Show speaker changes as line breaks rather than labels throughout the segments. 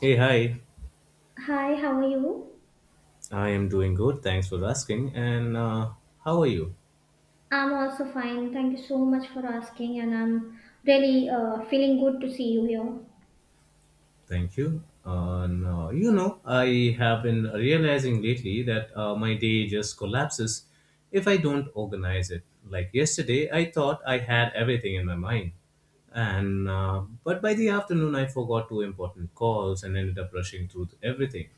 Hey, hi.
Hi, how are you?
I am doing good. Thanks for asking. And How are you?
I'm also fine. Thank you so much for asking, and I'm really feeling good to see you here.
Thank you. No, I have been realizing lately that my day just collapses if I don't organize it. Like yesterday, I thought I had everything in my mind, and but by the afternoon, I forgot two important calls and ended up rushing through everything.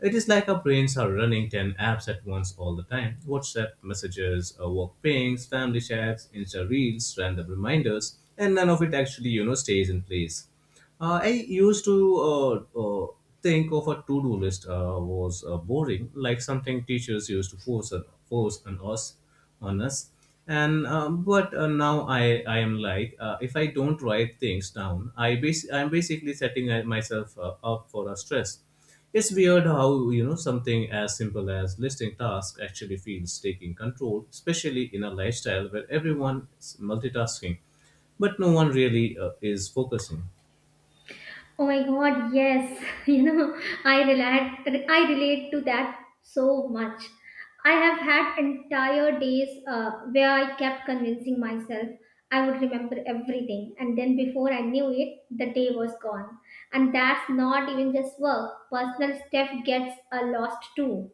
It is like our brains are running 10 apps at once all the time. WhatsApp messages, work pings, family chats, Insta reels, random reminders, and none of it actually, you know, stays in place. I used to think of a to-do list was boring, like something teachers used to force on us. And but now I am like, if I don't write things down, I'm basically setting myself up for a stress. It's weird how, you know, something as simple as listing tasks actually feels taking control, especially in a lifestyle where everyone is multitasking, but no one really is focusing.
Oh my God, yes. You know, I relate. I relate to that so much. I have had entire days where I kept convincing myself I would remember everything, and then before I knew it, the day was gone. And that's not even just work. Personal stuff gets lost too.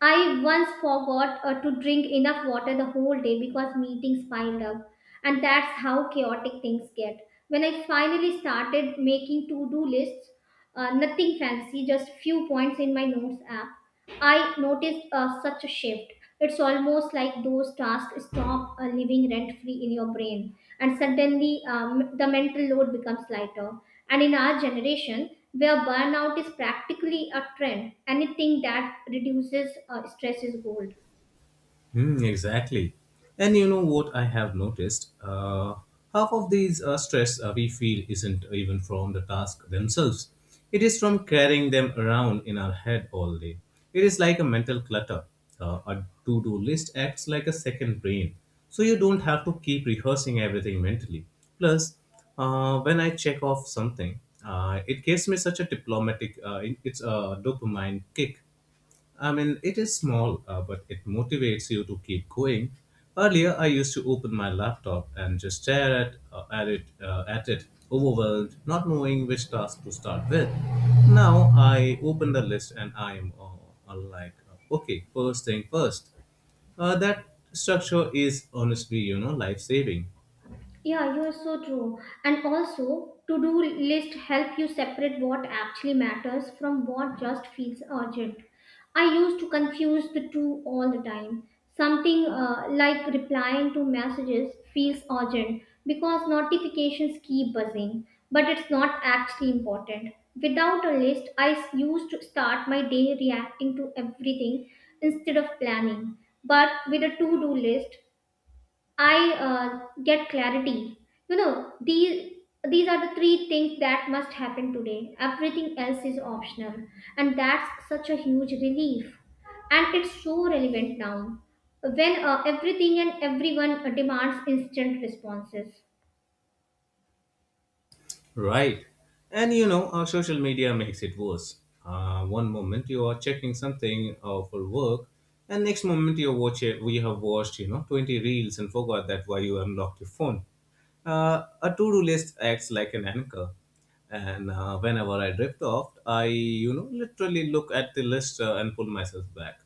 I once forgot to drink enough water the whole day because meetings piled up, and that's how chaotic things get. When I finally started making to do lists, nothing fancy, just few points in my notes app, I noticed such a shift. It's almost like those tasks stop living rent free in your brain, and suddenly the mental load becomes lighter. And in our generation, where burnout is practically a trend, anything that reduces stress is gold.
Mm, exactly. And you know what I have noticed? Half of these stress we feel isn't even from the task themselves. It is from carrying them around in our head all day. It is like a mental clutter. A to do list acts like a second brain, so you don't have to keep rehearsing everything mentally. Plus, when I check off something, it gives me such a diplomatic, it's a dopamine kick. I mean, it is small, but it motivates you to keep going. Earlier, I used to open my laptop and just stare at it, overwhelmed, not knowing which task to start with. Now, I open the list and I am okay, first thing first. That structure is honestly, you know, life saving.
Yeah, you're so true. And also, to-do list help you separate what actually matters from what just feels urgent. I used to confuse the two all the time. Something like replying to messages feels urgent because notifications keep buzzing, but it's not actually important. Without a list, used to start my day reacting to everything instead of planning. But with a to-do list, I get clarity. You know, these are the three things that must happen today. Everything else is optional, and that's such a huge relief. And it's so relevant now, when everything and everyone demands instant responses.
Right. And you know, our social media makes it worse. One moment you are checking something for work, and next moment you watch it. We have watched, you know, 20 reels and forgot that why you unlocked your phone. A to-do list acts like an anchor. And whenever I drift off, I, you know, literally look at the list and pull myself back.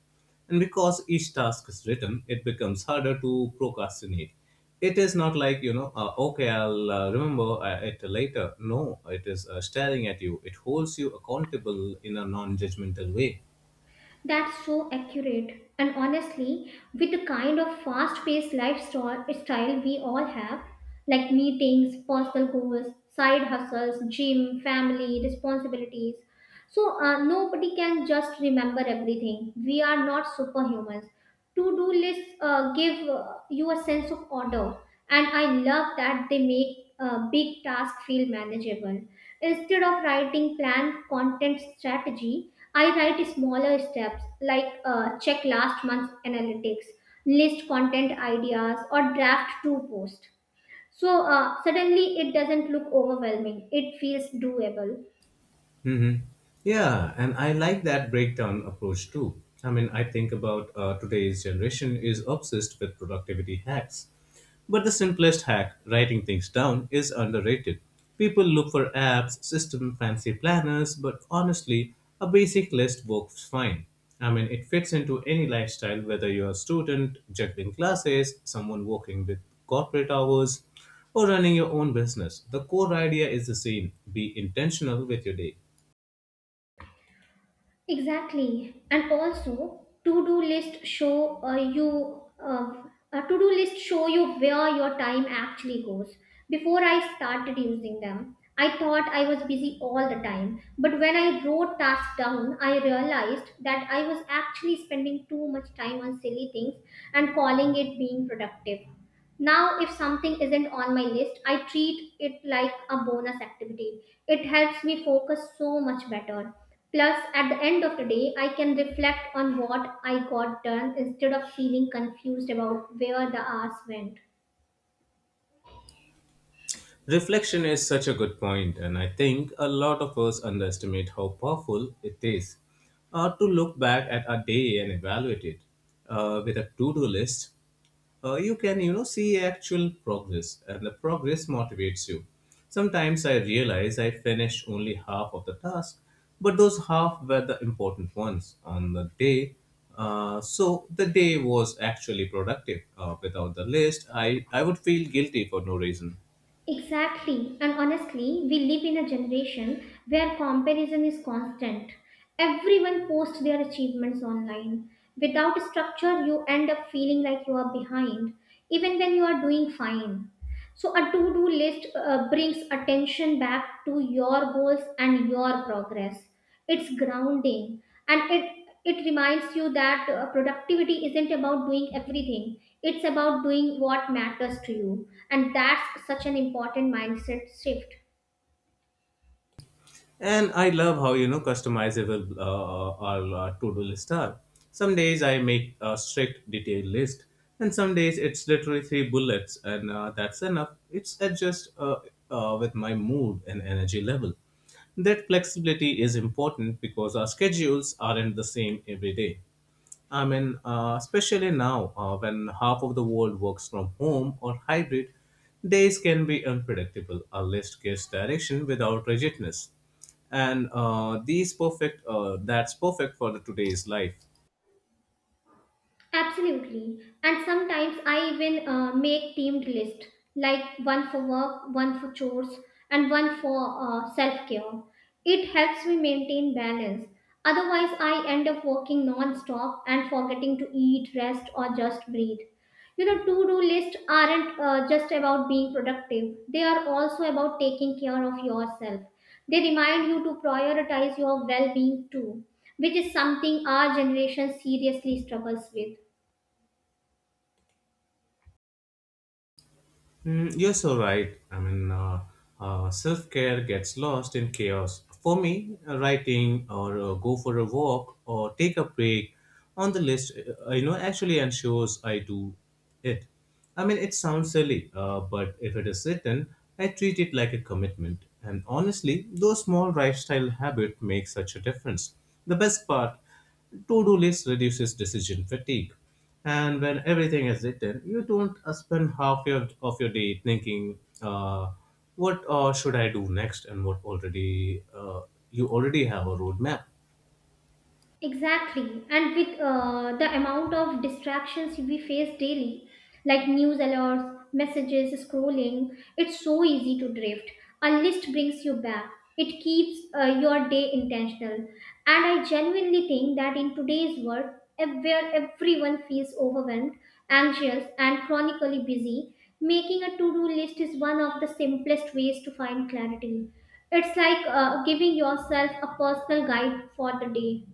And because each task is written, it becomes harder to procrastinate. It is not like, you know, okay, I'll remember it later. No, it is staring at you. It holds you accountable in a non judgmental way.
That's so accurate. And honestly, with the kind of fast paced lifestyle style we all have, like meetings, personal goals, side hustles, gym, family, responsibilities, so, nobody can just remember everything. We are not superhumans. To do lists give you a sense of order, and I love that they make big tasks feel manageable. Instead of writing plan, content, strategy, I write smaller steps like check last month's analytics, list content ideas, or draft two posts. So suddenly it doesn't look overwhelming. It feels doable.
Mm-hmm. Yeah, and I like that breakdown approach too. I mean, I think about today's generation is obsessed with productivity hacks. But the simplest hack, writing things down, is underrated. People look for apps, system, fancy planners, but honestly, a basic list works fine. I mean, it fits into any lifestyle, whether you're a student, juggling classes, someone working with corporate hours, or running your own business. The core idea is the same, be intentional with your day.
Exactly. And also, to-do list show you a to-do list show you where your time actually goes. Before I started using them, I thought I was busy all the time. But when I wrote tasks down, I realized that I was actually spending too much time on silly things and calling it being productive. Now, if something isn't on my list, I treat it like a bonus activity. It helps me focus so much better. Plus, at the end of the day, I can reflect on what I got done instead of feeling confused about where the hours went.
Reflection is such a good point, and I think a lot of us underestimate how powerful it is to look back at our day and evaluate it. With a to-do list, you can, you know, see actual progress, and the progress motivates you. Sometimes I realize I finished only half of the task, but those half were the important ones on the day. So the day was actually productive. Without the list, I would feel guilty for no reason.
Exactly. And honestly, we live in a generation where comparison is constant. Everyone posts their achievements online. Without structure, you end up feeling like you are behind, even when you are doing fine. So, a to do list brings attention back to your goals and your progress. It's grounding, and it reminds you that productivity isn't about doing everything, it's about doing what matters to you. And that's such an important mindset shift.
And I love how, you know, customizable our to-do lists are. Some days I make a strict detailed list, and some days it's literally three bullets, and that's enough. It's adjust with my mood and energy level. That flexibility is important because our schedules aren't the same every day. I mean, especially now when half of the world works from home or hybrid, days can be unpredictable. A list gives direction without rigidness, and these perfect. That's perfect for the today's life.
Absolutely. And sometimes I even make themed list, like one for work, one for chores, and one for self-care. It helps me maintain balance. Otherwise, I end up working non-stop and forgetting to eat, rest, or just breathe. You know, to-do lists aren't just about being productive. They are also about taking care of yourself. They remind you to prioritize your well-being too, which is something our generation seriously struggles with.
Mm, you're so right. I mean, self care gets lost in chaos. For me, writing or go for a walk or take a break on the list, you know, actually ensures I do it. I mean, it sounds silly, but if it is written, I treat it like a commitment. And honestly, those small lifestyle habits make such a difference. The best part, to-do list reduces decision fatigue. And when everything is written, you don't spend half of your day thinking, what should I do next, and what already you already have a roadmap.
Exactly. And with the amount of distractions we face daily, like news alerts, messages, scrolling, it's so easy to drift. A list brings you back. It keeps your day intentional. And I genuinely think that in today's world, where everyone feels overwhelmed, anxious, and chronically busy, making a to do list is one of the simplest ways to find clarity. It's like giving yourself a personal guide for the day.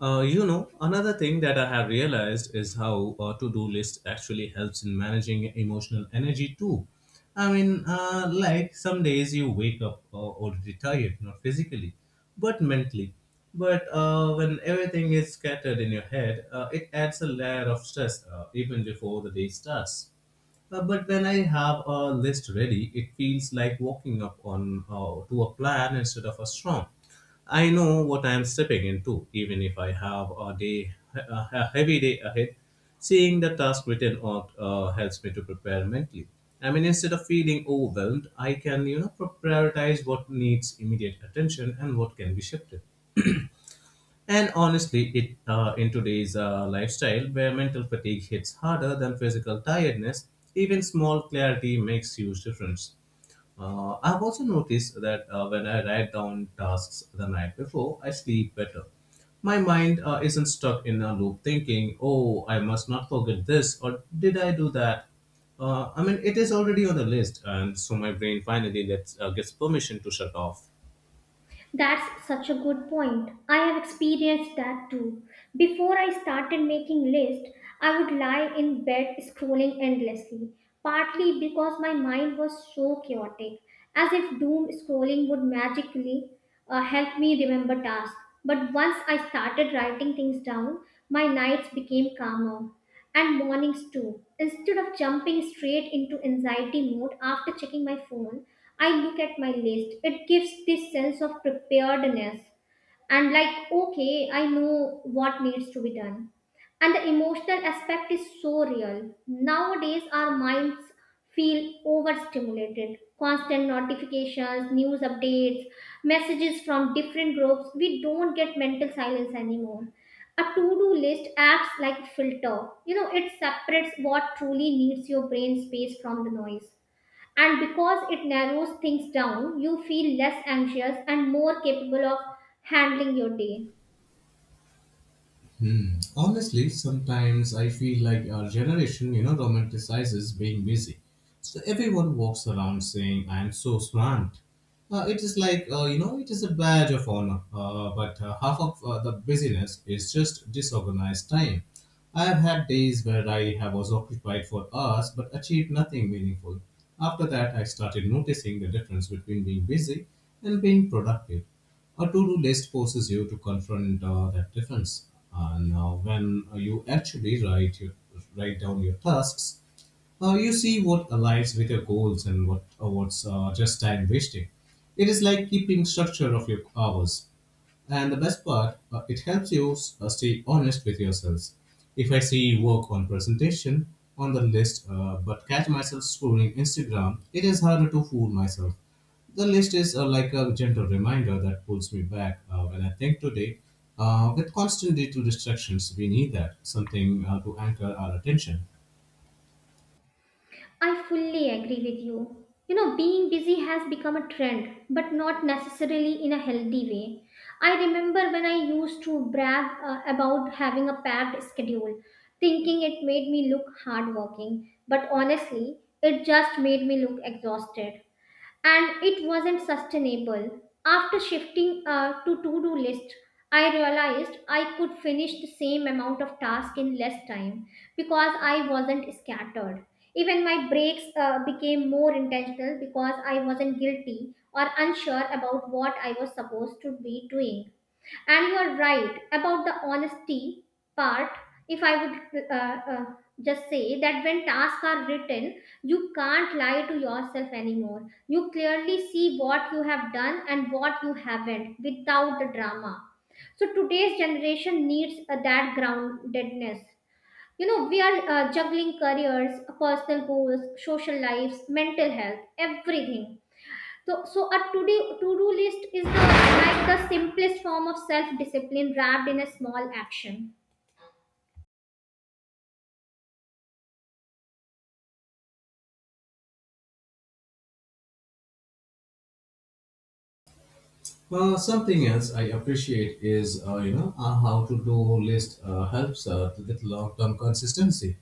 You know, another thing that I have realized is how a to do list actually helps in managing emotional energy too. I mean, like some days you wake up already tired, not physically, but mentally. But when everything is scattered in your head, it adds a layer of stress even before the day starts. But when I have a list ready, it feels like walking up on to a plan instead of a storm. I know what I am stepping into, even if I have a heavy day ahead. Seeing the task written out helps me to prepare mentally. I mean, instead of feeling overwhelmed, I can, you know, prioritize what needs immediate attention and what can be shifted. And honestly, it in today's lifestyle where mental fatigue hits harder than physical tiredness, even small clarity makes huge difference. I've also noticed that when I write down tasks the night before, I sleep better. My mind isn't stuck in a loop thinking, oh, I must not forget this, or did I do that? I mean, it is already on the list, and so my brain finally gets permission to shut off.
That's such a good point. I have experienced that too. Before I started making lists, I would lie in bed scrolling endlessly, partly because my mind was so chaotic, as if doom scrolling would magically help me remember tasks. But once I started writing things down, my nights became calmer and mornings too. Instead of jumping straight into anxiety mode after checking my phone, I look at my list. It gives this sense of preparedness, and like, okay, I know what needs to be done. And the emotional aspect is so real. Nowadays our minds feel overstimulated, constant notifications, news updates, messages from different groups. We don't get mental silence anymore. A to-do list acts like a filter. You know, it separates what truly needs your brain space from the noise, and because it narrows things down, you feel less anxious and more capable of handling your day.
Hmm. Honestly, sometimes I feel like our generation, you know, romanticizes being busy. So everyone walks around saying, I am so smart. It is like, you know, it is a badge of honor. But half of the busyness is just disorganized time. I have had days where I have was occupied for hours but achieved nothing meaningful. After that, I started noticing the difference between being busy and being productive. A to-do list forces you to confront that difference. And when you actually write down your tasks, you see what aligns with your goals and what's just time wasting. It is like keeping structure of your hours. And the best part, it helps you stay honest with yourselves. If I see work on presentation on the list but catch myself scrolling Instagram, it is harder to fool myself. The list is like a gentle reminder that pulls me back when I think today. With constant digital distractions, we need that something to anchor our attention.
I fully agree with you. You know, being busy has become a trend, but not necessarily in a healthy way. I remember when I used to brag about having a packed schedule, thinking it made me look hardworking, but honestly, it just made me look exhausted, and it wasn't sustainable. After shifting to do list, I realized I could finish the same amount of task in less time because I wasn't scattered. Even my breaks became more intentional because I wasn't guilty or unsure about what I was supposed to be doing. And you are right about the honesty part. If I would just say that, when tasks are written, you can't lie to yourself anymore. You clearly see what you have done and what you haven't without the drama. So today's generation needs that groundedness. You know, we are juggling careers, personal goals, social lives, mental health, everything. So, so a to-do list is the like the simplest form of self-discipline wrapped in a small action.
Well, something else I appreciate is, you know, a how to do list helps with long term consistency.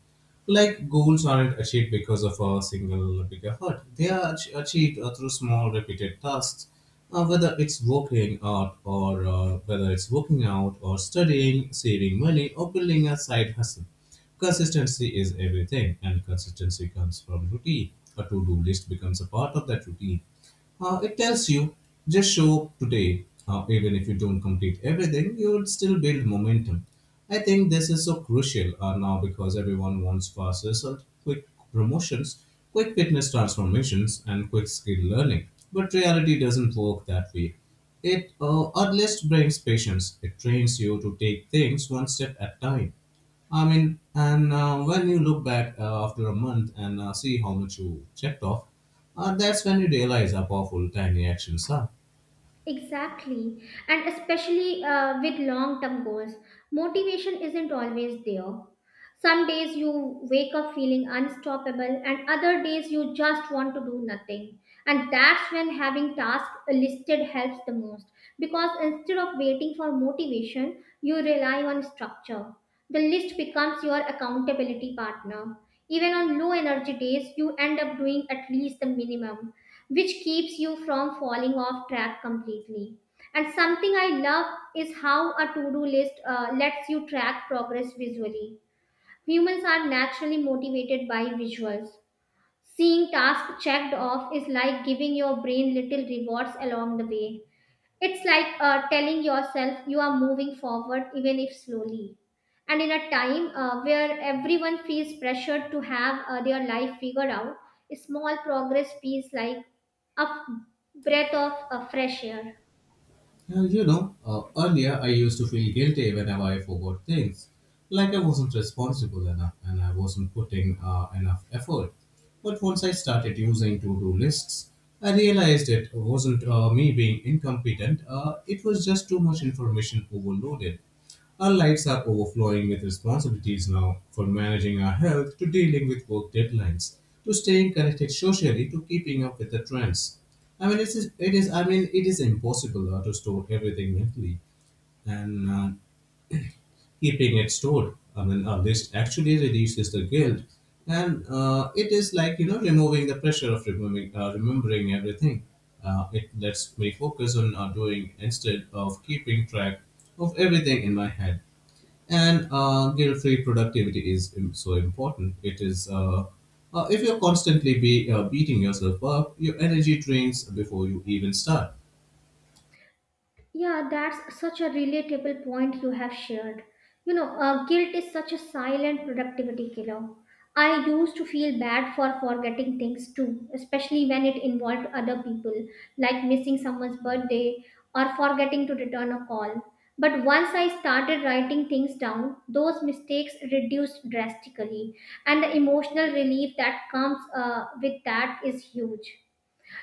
Like goals aren't achieved because of a single big effort; they are achieved through small repeated tasks. Whether it's working out or whether it's working out or studying, saving money or building a side hustle, consistency is everything, and consistency comes from routine. A to-do list becomes a part of that routine. It tells you just show up today. Even if you don't complete everything, you would still build momentum. I think this is so crucial now because everyone wants fast results, quick promotions, quick fitness transformations, and quick skill learning. But reality doesn't work that way. It at least brings patience. It trains you to take things one step at a time. I mean, and when you look back after a month and see how much you checked off, that's when you realize how powerful tiny actions are.
Exactly, and especially with long term goals, motivation isn't always there. Some days you wake up feeling unstoppable, and other days you just want to do nothing. And that's when having tasks listed helps the most, because instead of waiting for motivation, you rely on structure. The list becomes your accountability partner. Even on low energy days, you end up doing at least the minimum, which keeps you from falling off track completely. And something I love is how a to do list lets you track progress visually. Humans are naturally motivated by visuals. Seeing tasks checked off is like giving your brain little rewards along the way. It's like telling yourself you are moving forward, even if slowly. And in a time where everyone feels pressured to have their life figured out, small progress feels like a f- breath of fresh air.
Earlier I used to feel guilty whenever I forgot things, like I wasn't responsible enough and I wasn't putting enough effort. But once I started using to do lists, I realized it wasn't me being incompetent, it was just too much information overloaded. Our lives are overflowing with responsibilities now, from managing our health to dealing with work deadlines, to staying connected socially to keeping up with the trends. I mean, it's, it is. I mean, it is impossible to store everything mentally, and keeping it stored. I mean, this actually reduces the guilt, and it is like, you know, removing the pressure of remembering everything. It lets me focus on doing instead of keeping track of everything in my head and guilt-free productivity is so important it is. If you constantly be, beating yourself up, your energy drains before you even start.
Yeah, that's such a relatable point you have shared. You know, guilt is such a silent productivity killer. I used to feel bad for forgetting things too, especially when it involved other people, like missing someone's birthday or forgetting to return a call. But once I started writing things down, those mistakes reduced drastically, and the emotional relief that comes with that is huge.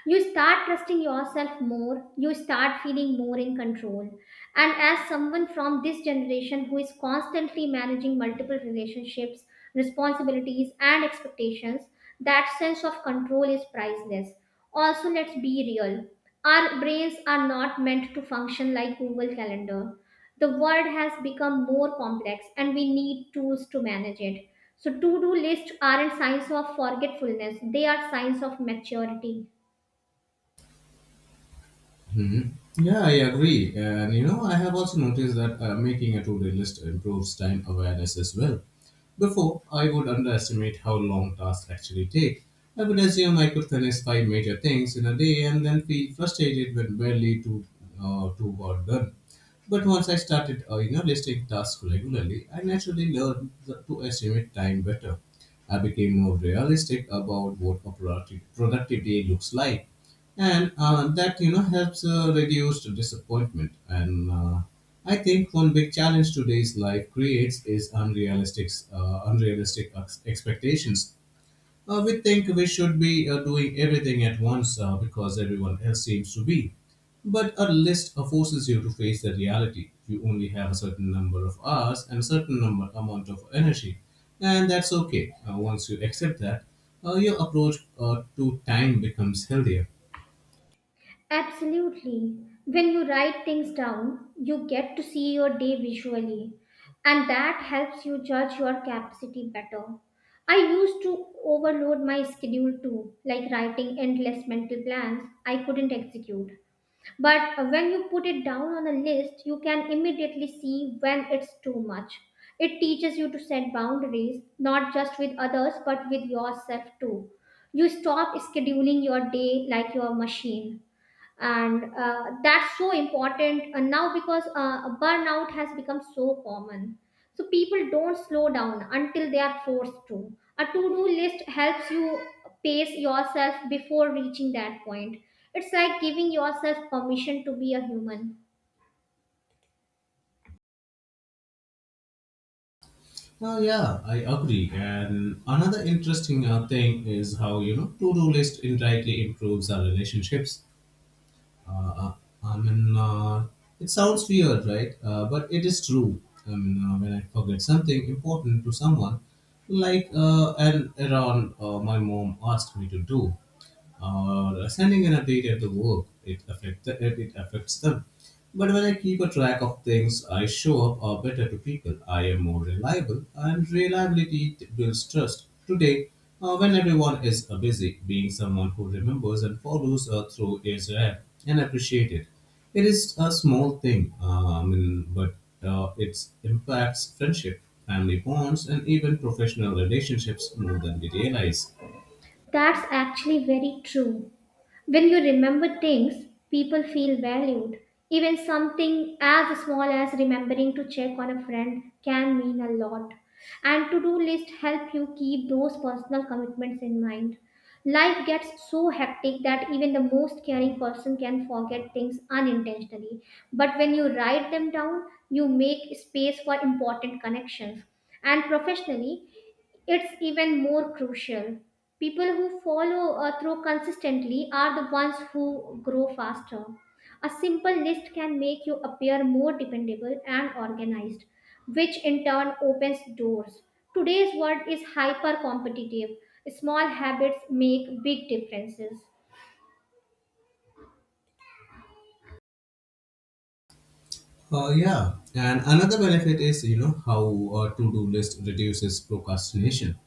You start trusting yourself more. You start feeling more in control. And as someone from this generation who is constantly managing multiple relationships, responsibilities, and expectations, that sense of control is priceless. Also, let's be real, our brains are not meant to function like Google Calendar. The world has become more complex and we need tools to manage it. So to-do lists aren't signs of forgetfulness, they are signs of maturity.
Hmm. Yeah, I agree. And you know, I have also noticed that, making a to do list improves time awareness as well. Before, I would underestimate how long tasks actually take. I would assume I could finish five major things in a day and then feel frustrated when barely two were done. But once I started, listing tasks regularly, I naturally learned to estimate time better. I became more realistic about what a productive day looks like, and that, you know, helps reduce the disappointment. And I think one big challenge today's life creates is unrealistic expectations. We think we should be doing everything at once, because everyone else seems to be. But a list forces you to face the reality. You only have a certain number of hours and a certain number amount of energy, and that's okay. Once you accept that, your approach to time becomes healthier.
Absolutely. When you write things down, you get to see your day visually, and that helps you judge your capacity better. I used to overload my schedule too, like writing endless mental plans I couldn't execute. But when you put it down on a list, you can immediately see when it's too much. It teaches you to set boundaries, not just with others, but with yourself too. You stop scheduling your day like your machine, and that's so important now, because burnout has become so common. So people don't slow down until they are forced to. A to-do list helps you pace yourself before reaching that point. It's like giving yourself permission to be a human.
Oh yeah, I agree. And another interesting thing is how, you know, to-do list indirectly improves our relationships. Uh, uh, I mean, it sounds weird, right? But it is true. I mean, when I forget something important to someone, like an errand my mom asked me to do, or sending an update at the work. It it affects them. But when I keep a track of things, I show up or better to people. I am more reliable, and reliability builds trust. Today, when everyone is busy, being someone who remembers and follows through is rare and appreciated. It is a small thing, I mean, but it impacts friendship, family bonds, and even professional relationships more than we realize.
That's actually very true. When you remember things, people feel valued. Even something as small as remembering to check on a friend can mean a lot. And to-do list help you keep those personal commitments in mind. Life gets so hectic that even the most caring person can forget things unintentionally. But when you write them down, you make space for important connections. And professionally, it's even more crucial. People who follow through consistently are the ones who grow faster. A simple list can make you appear more dependable and organized, which in turn opens doors. Today's world is hyper competitive. Small habits make big differences.
Yeah, and another benefit is, you know, how a to-do list reduces procrastination.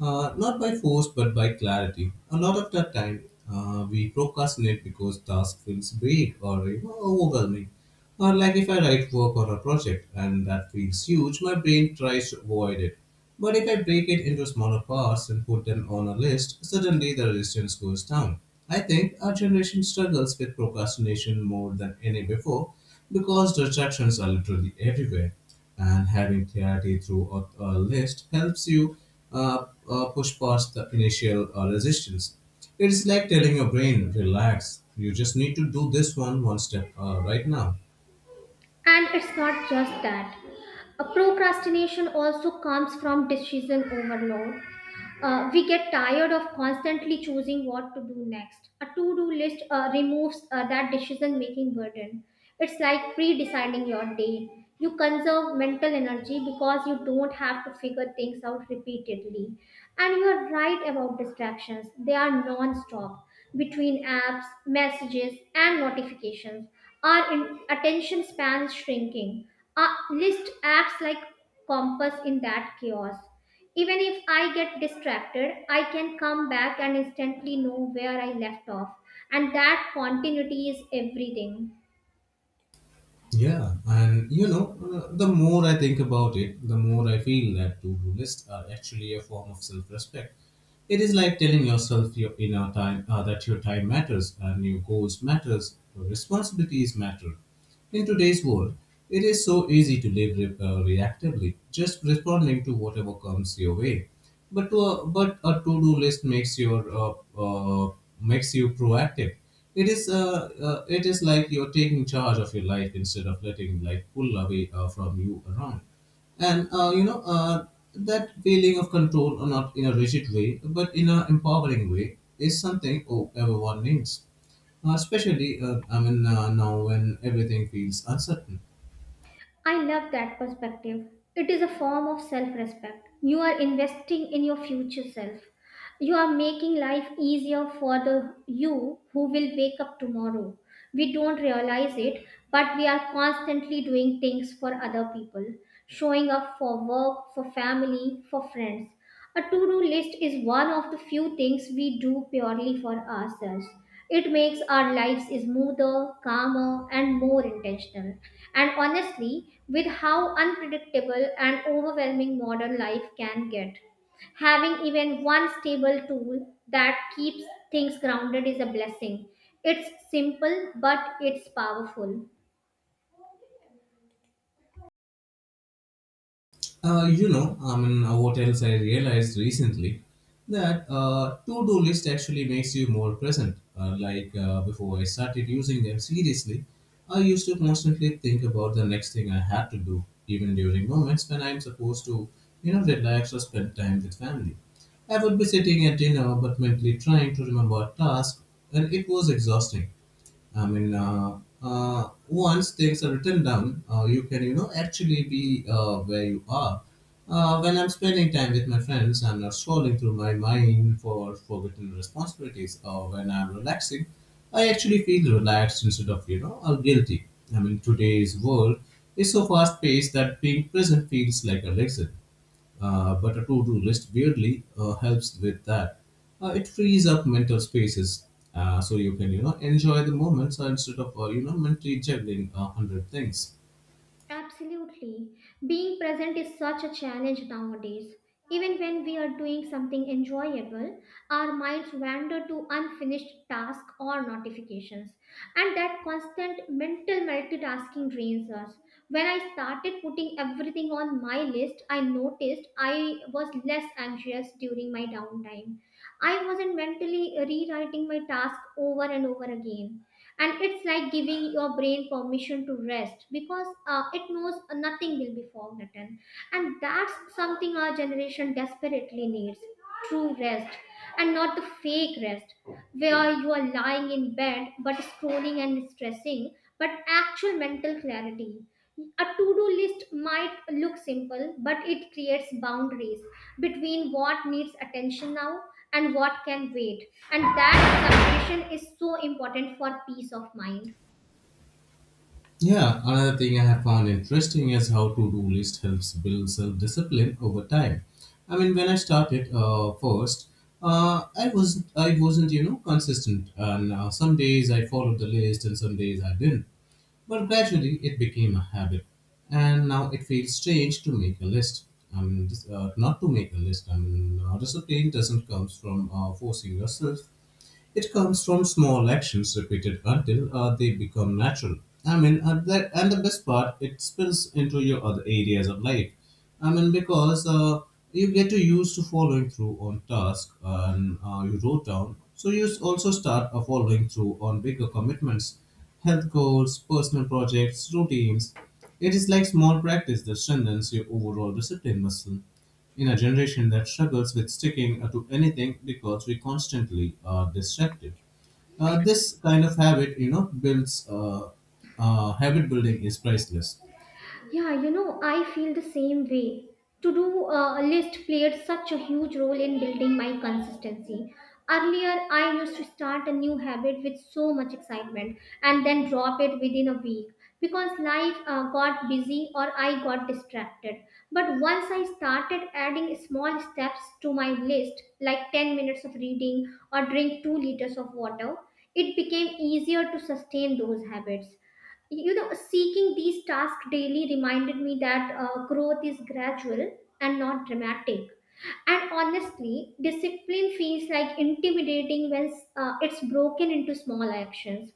Not by force, but by clarity. A lot of the time, we procrastinate because task feels big or, you know, overwhelming. Or like if I write work or a project and that feels huge, my brain tries to avoid it. But if I break it into smaller parts and put them on a list, suddenly the resistance goes down. I think our generation struggles with procrastination more than any before because distractions are literally everywhere, and having clarity through a list helps you push past the initial resistance. It's like telling your brain, relax, you just need to do this one step, right now.
And it's not just that. A procrastination also comes from decision overload. We get tired of constantly choosing what to do next. A to do list removes that decision making burden. It's like pre deciding your day. You conserve mental energy because you don't have to figure things out repeatedly. And you are right about distractions, they are non stop. Between apps, messages, and notifications, our attention span is shrinking. A list acts like compass in that chaos, even if I get distracted, I can come back and instantly know where I left off. And that continuity is everything.
Yeah, and you know, the more I think about it, the more I feel that to do lists are actually a form of self respect. It is like telling yourself your inner time, that your time matters and your goals matters, your responsibilities matter. In today's world, it is so easy to live reactively, just responding to whatever comes your way. But a to-do list makes your uh, makes you proactive. It is like you're taking charge of your life instead of letting life pull away, from you around. And you know, that feeling of control, or not in a rigid way, but in an empowering way, is something, oh, everyone needs. Especially, I mean, now when everything feels uncertain.
I love that perspective. It is a form of self respect. You are investing in your future self. You are making life easier for the you who will wake up tomorrow. We don't realize it, but we are constantly doing things for other people, showing up for work, for family, for friends. A to do list is one of the few things we do purely for ourselves. It makes our lives smoother, calmer, and more intentional. And honestly, with how unpredictable and overwhelming modern life can get, having even one stable tool that keeps things grounded is a blessing. It's simple, but it's powerful.
You know, I mean, what else I realized recently that to-do list actually makes you more present. Like, before I started using them seriously, I used to constantly think about the next thing I had to do, even during moments when I'm supposed to, you know, relax or spend time with family. I would be sitting at dinner but mentally trying to remember a task, and it was exhausting. I mean, once things are written down, you can, you know, actually be where you are. When I'm spending time with my friends, I'm not scrolling through my mind for forgotten responsibilities. Or when I'm relaxing, I actually feel relaxed instead of, you know, all guilty. I mean, today's world is so fast paced that being present feels like a lesson. But a to-do list weirdly helps with that. It frees up mental spaces, so you can, you know, enjoy the moments, instead of, you know, mentally juggling a hundred things.
Absolutely. Being present is such a challenge nowadays. Even when we are doing something enjoyable, our minds wander to unfinished tasks or notifications. And that constant mental multitasking drains us. When I started putting everything on my list, I noticed I was less anxious during my downtime. I wasn't mentally rewriting my task over and over again, and it's like giving your brain permission to rest because it knows nothing will be forgotten. And that's something our generation desperately needs: true rest, and not the fake rest where you are lying in bed but scrolling and stressing, but actual mental clarity. A to do list might look simple, but it creates boundaries between what needs attention now and what can wait. And that separation is so important for peace of mind.
Yeah, another thing I have found interesting is how to-do list helps build self-discipline over time. I mean, when I started, first, uh, I was not I wasn't, you know, consistent, and some days I followed the list and some days I didn't. But gradually it became a habit, and now it feels strange to make a list. I mean, not to make a list. I mean, discipline doesn't comes from, forcing yourself. It comes from small actions repeated until, they become natural. I mean, that, and the best part, it spills into your other areas of life. I mean, because you get to used to following through on tasks and you wrote down. So you also start following through on bigger commitments, health goals, personal projects, routines. It is like small practice that strengthens your overall discipline muscle in a generation that struggles with sticking, to anything because we constantly are distracted. This kind of habit, you know, builds habit building is priceless.
Yeah, you know, I feel the same way. To do a list played such a huge role in building my consistency. Earlier, I used to start a new habit with so much excitement and then drop it within a week because life got busy or I got distracted. But once I started adding small steps to my list, like 10 minutes of reading or drink 2 liters of water, it became easier to sustain those habits. You know, seeking these tasks daily reminded me that growth is gradual and not dramatic. And honestly, discipline feels like intimidating when it's broken into small actions.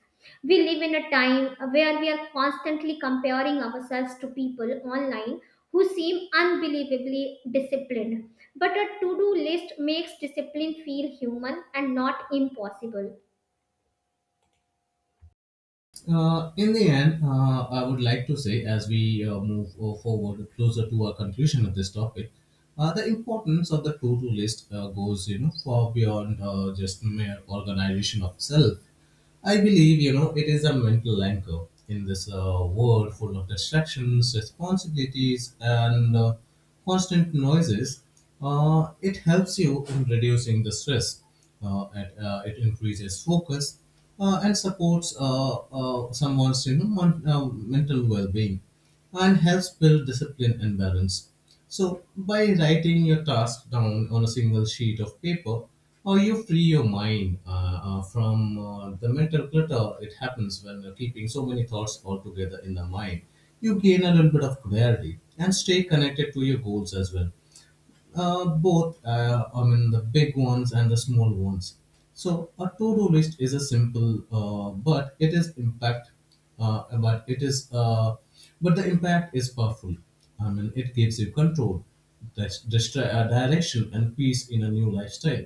We live in a time where we are constantly comparing ourselves to people online who seem unbelievably disciplined, but a to-do list makes discipline feel human and not impossible.
In the end, I would like to say, as we move forward closer to our conclusion of this topic, the importance of the to-do list goes, you know, far beyond, just mere organization of self. I believe, you know, it is a mental anchor in this, world full of distractions, responsibilities, and constant noises. It helps you in reducing the stress. It increases focus, and supports, someone's, you know, mental well-being, and helps build discipline and balance. So, by writing your task down on a single sheet of paper, or you free your mind, from, the mental clutter it happens when you're keeping so many thoughts all together in the mind, you gain a little bit of clarity and stay connected to your goals as well, both, I mean, the big ones and the small ones. So a to-do list is a simple, uh, but it is, uh, but the impact is powerful. I mean, it gives you control, direction, and peace in a new lifestyle.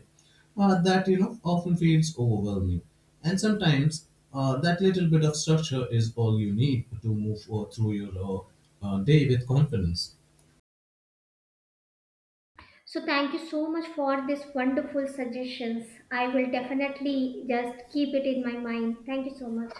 That, you know, often feels overwhelming, and sometimes, that little bit of structure is all you need to move through your day with confidence.
So thank you so much for this wonderful suggestions. I will definitely just keep it in my mind. Thank you so much.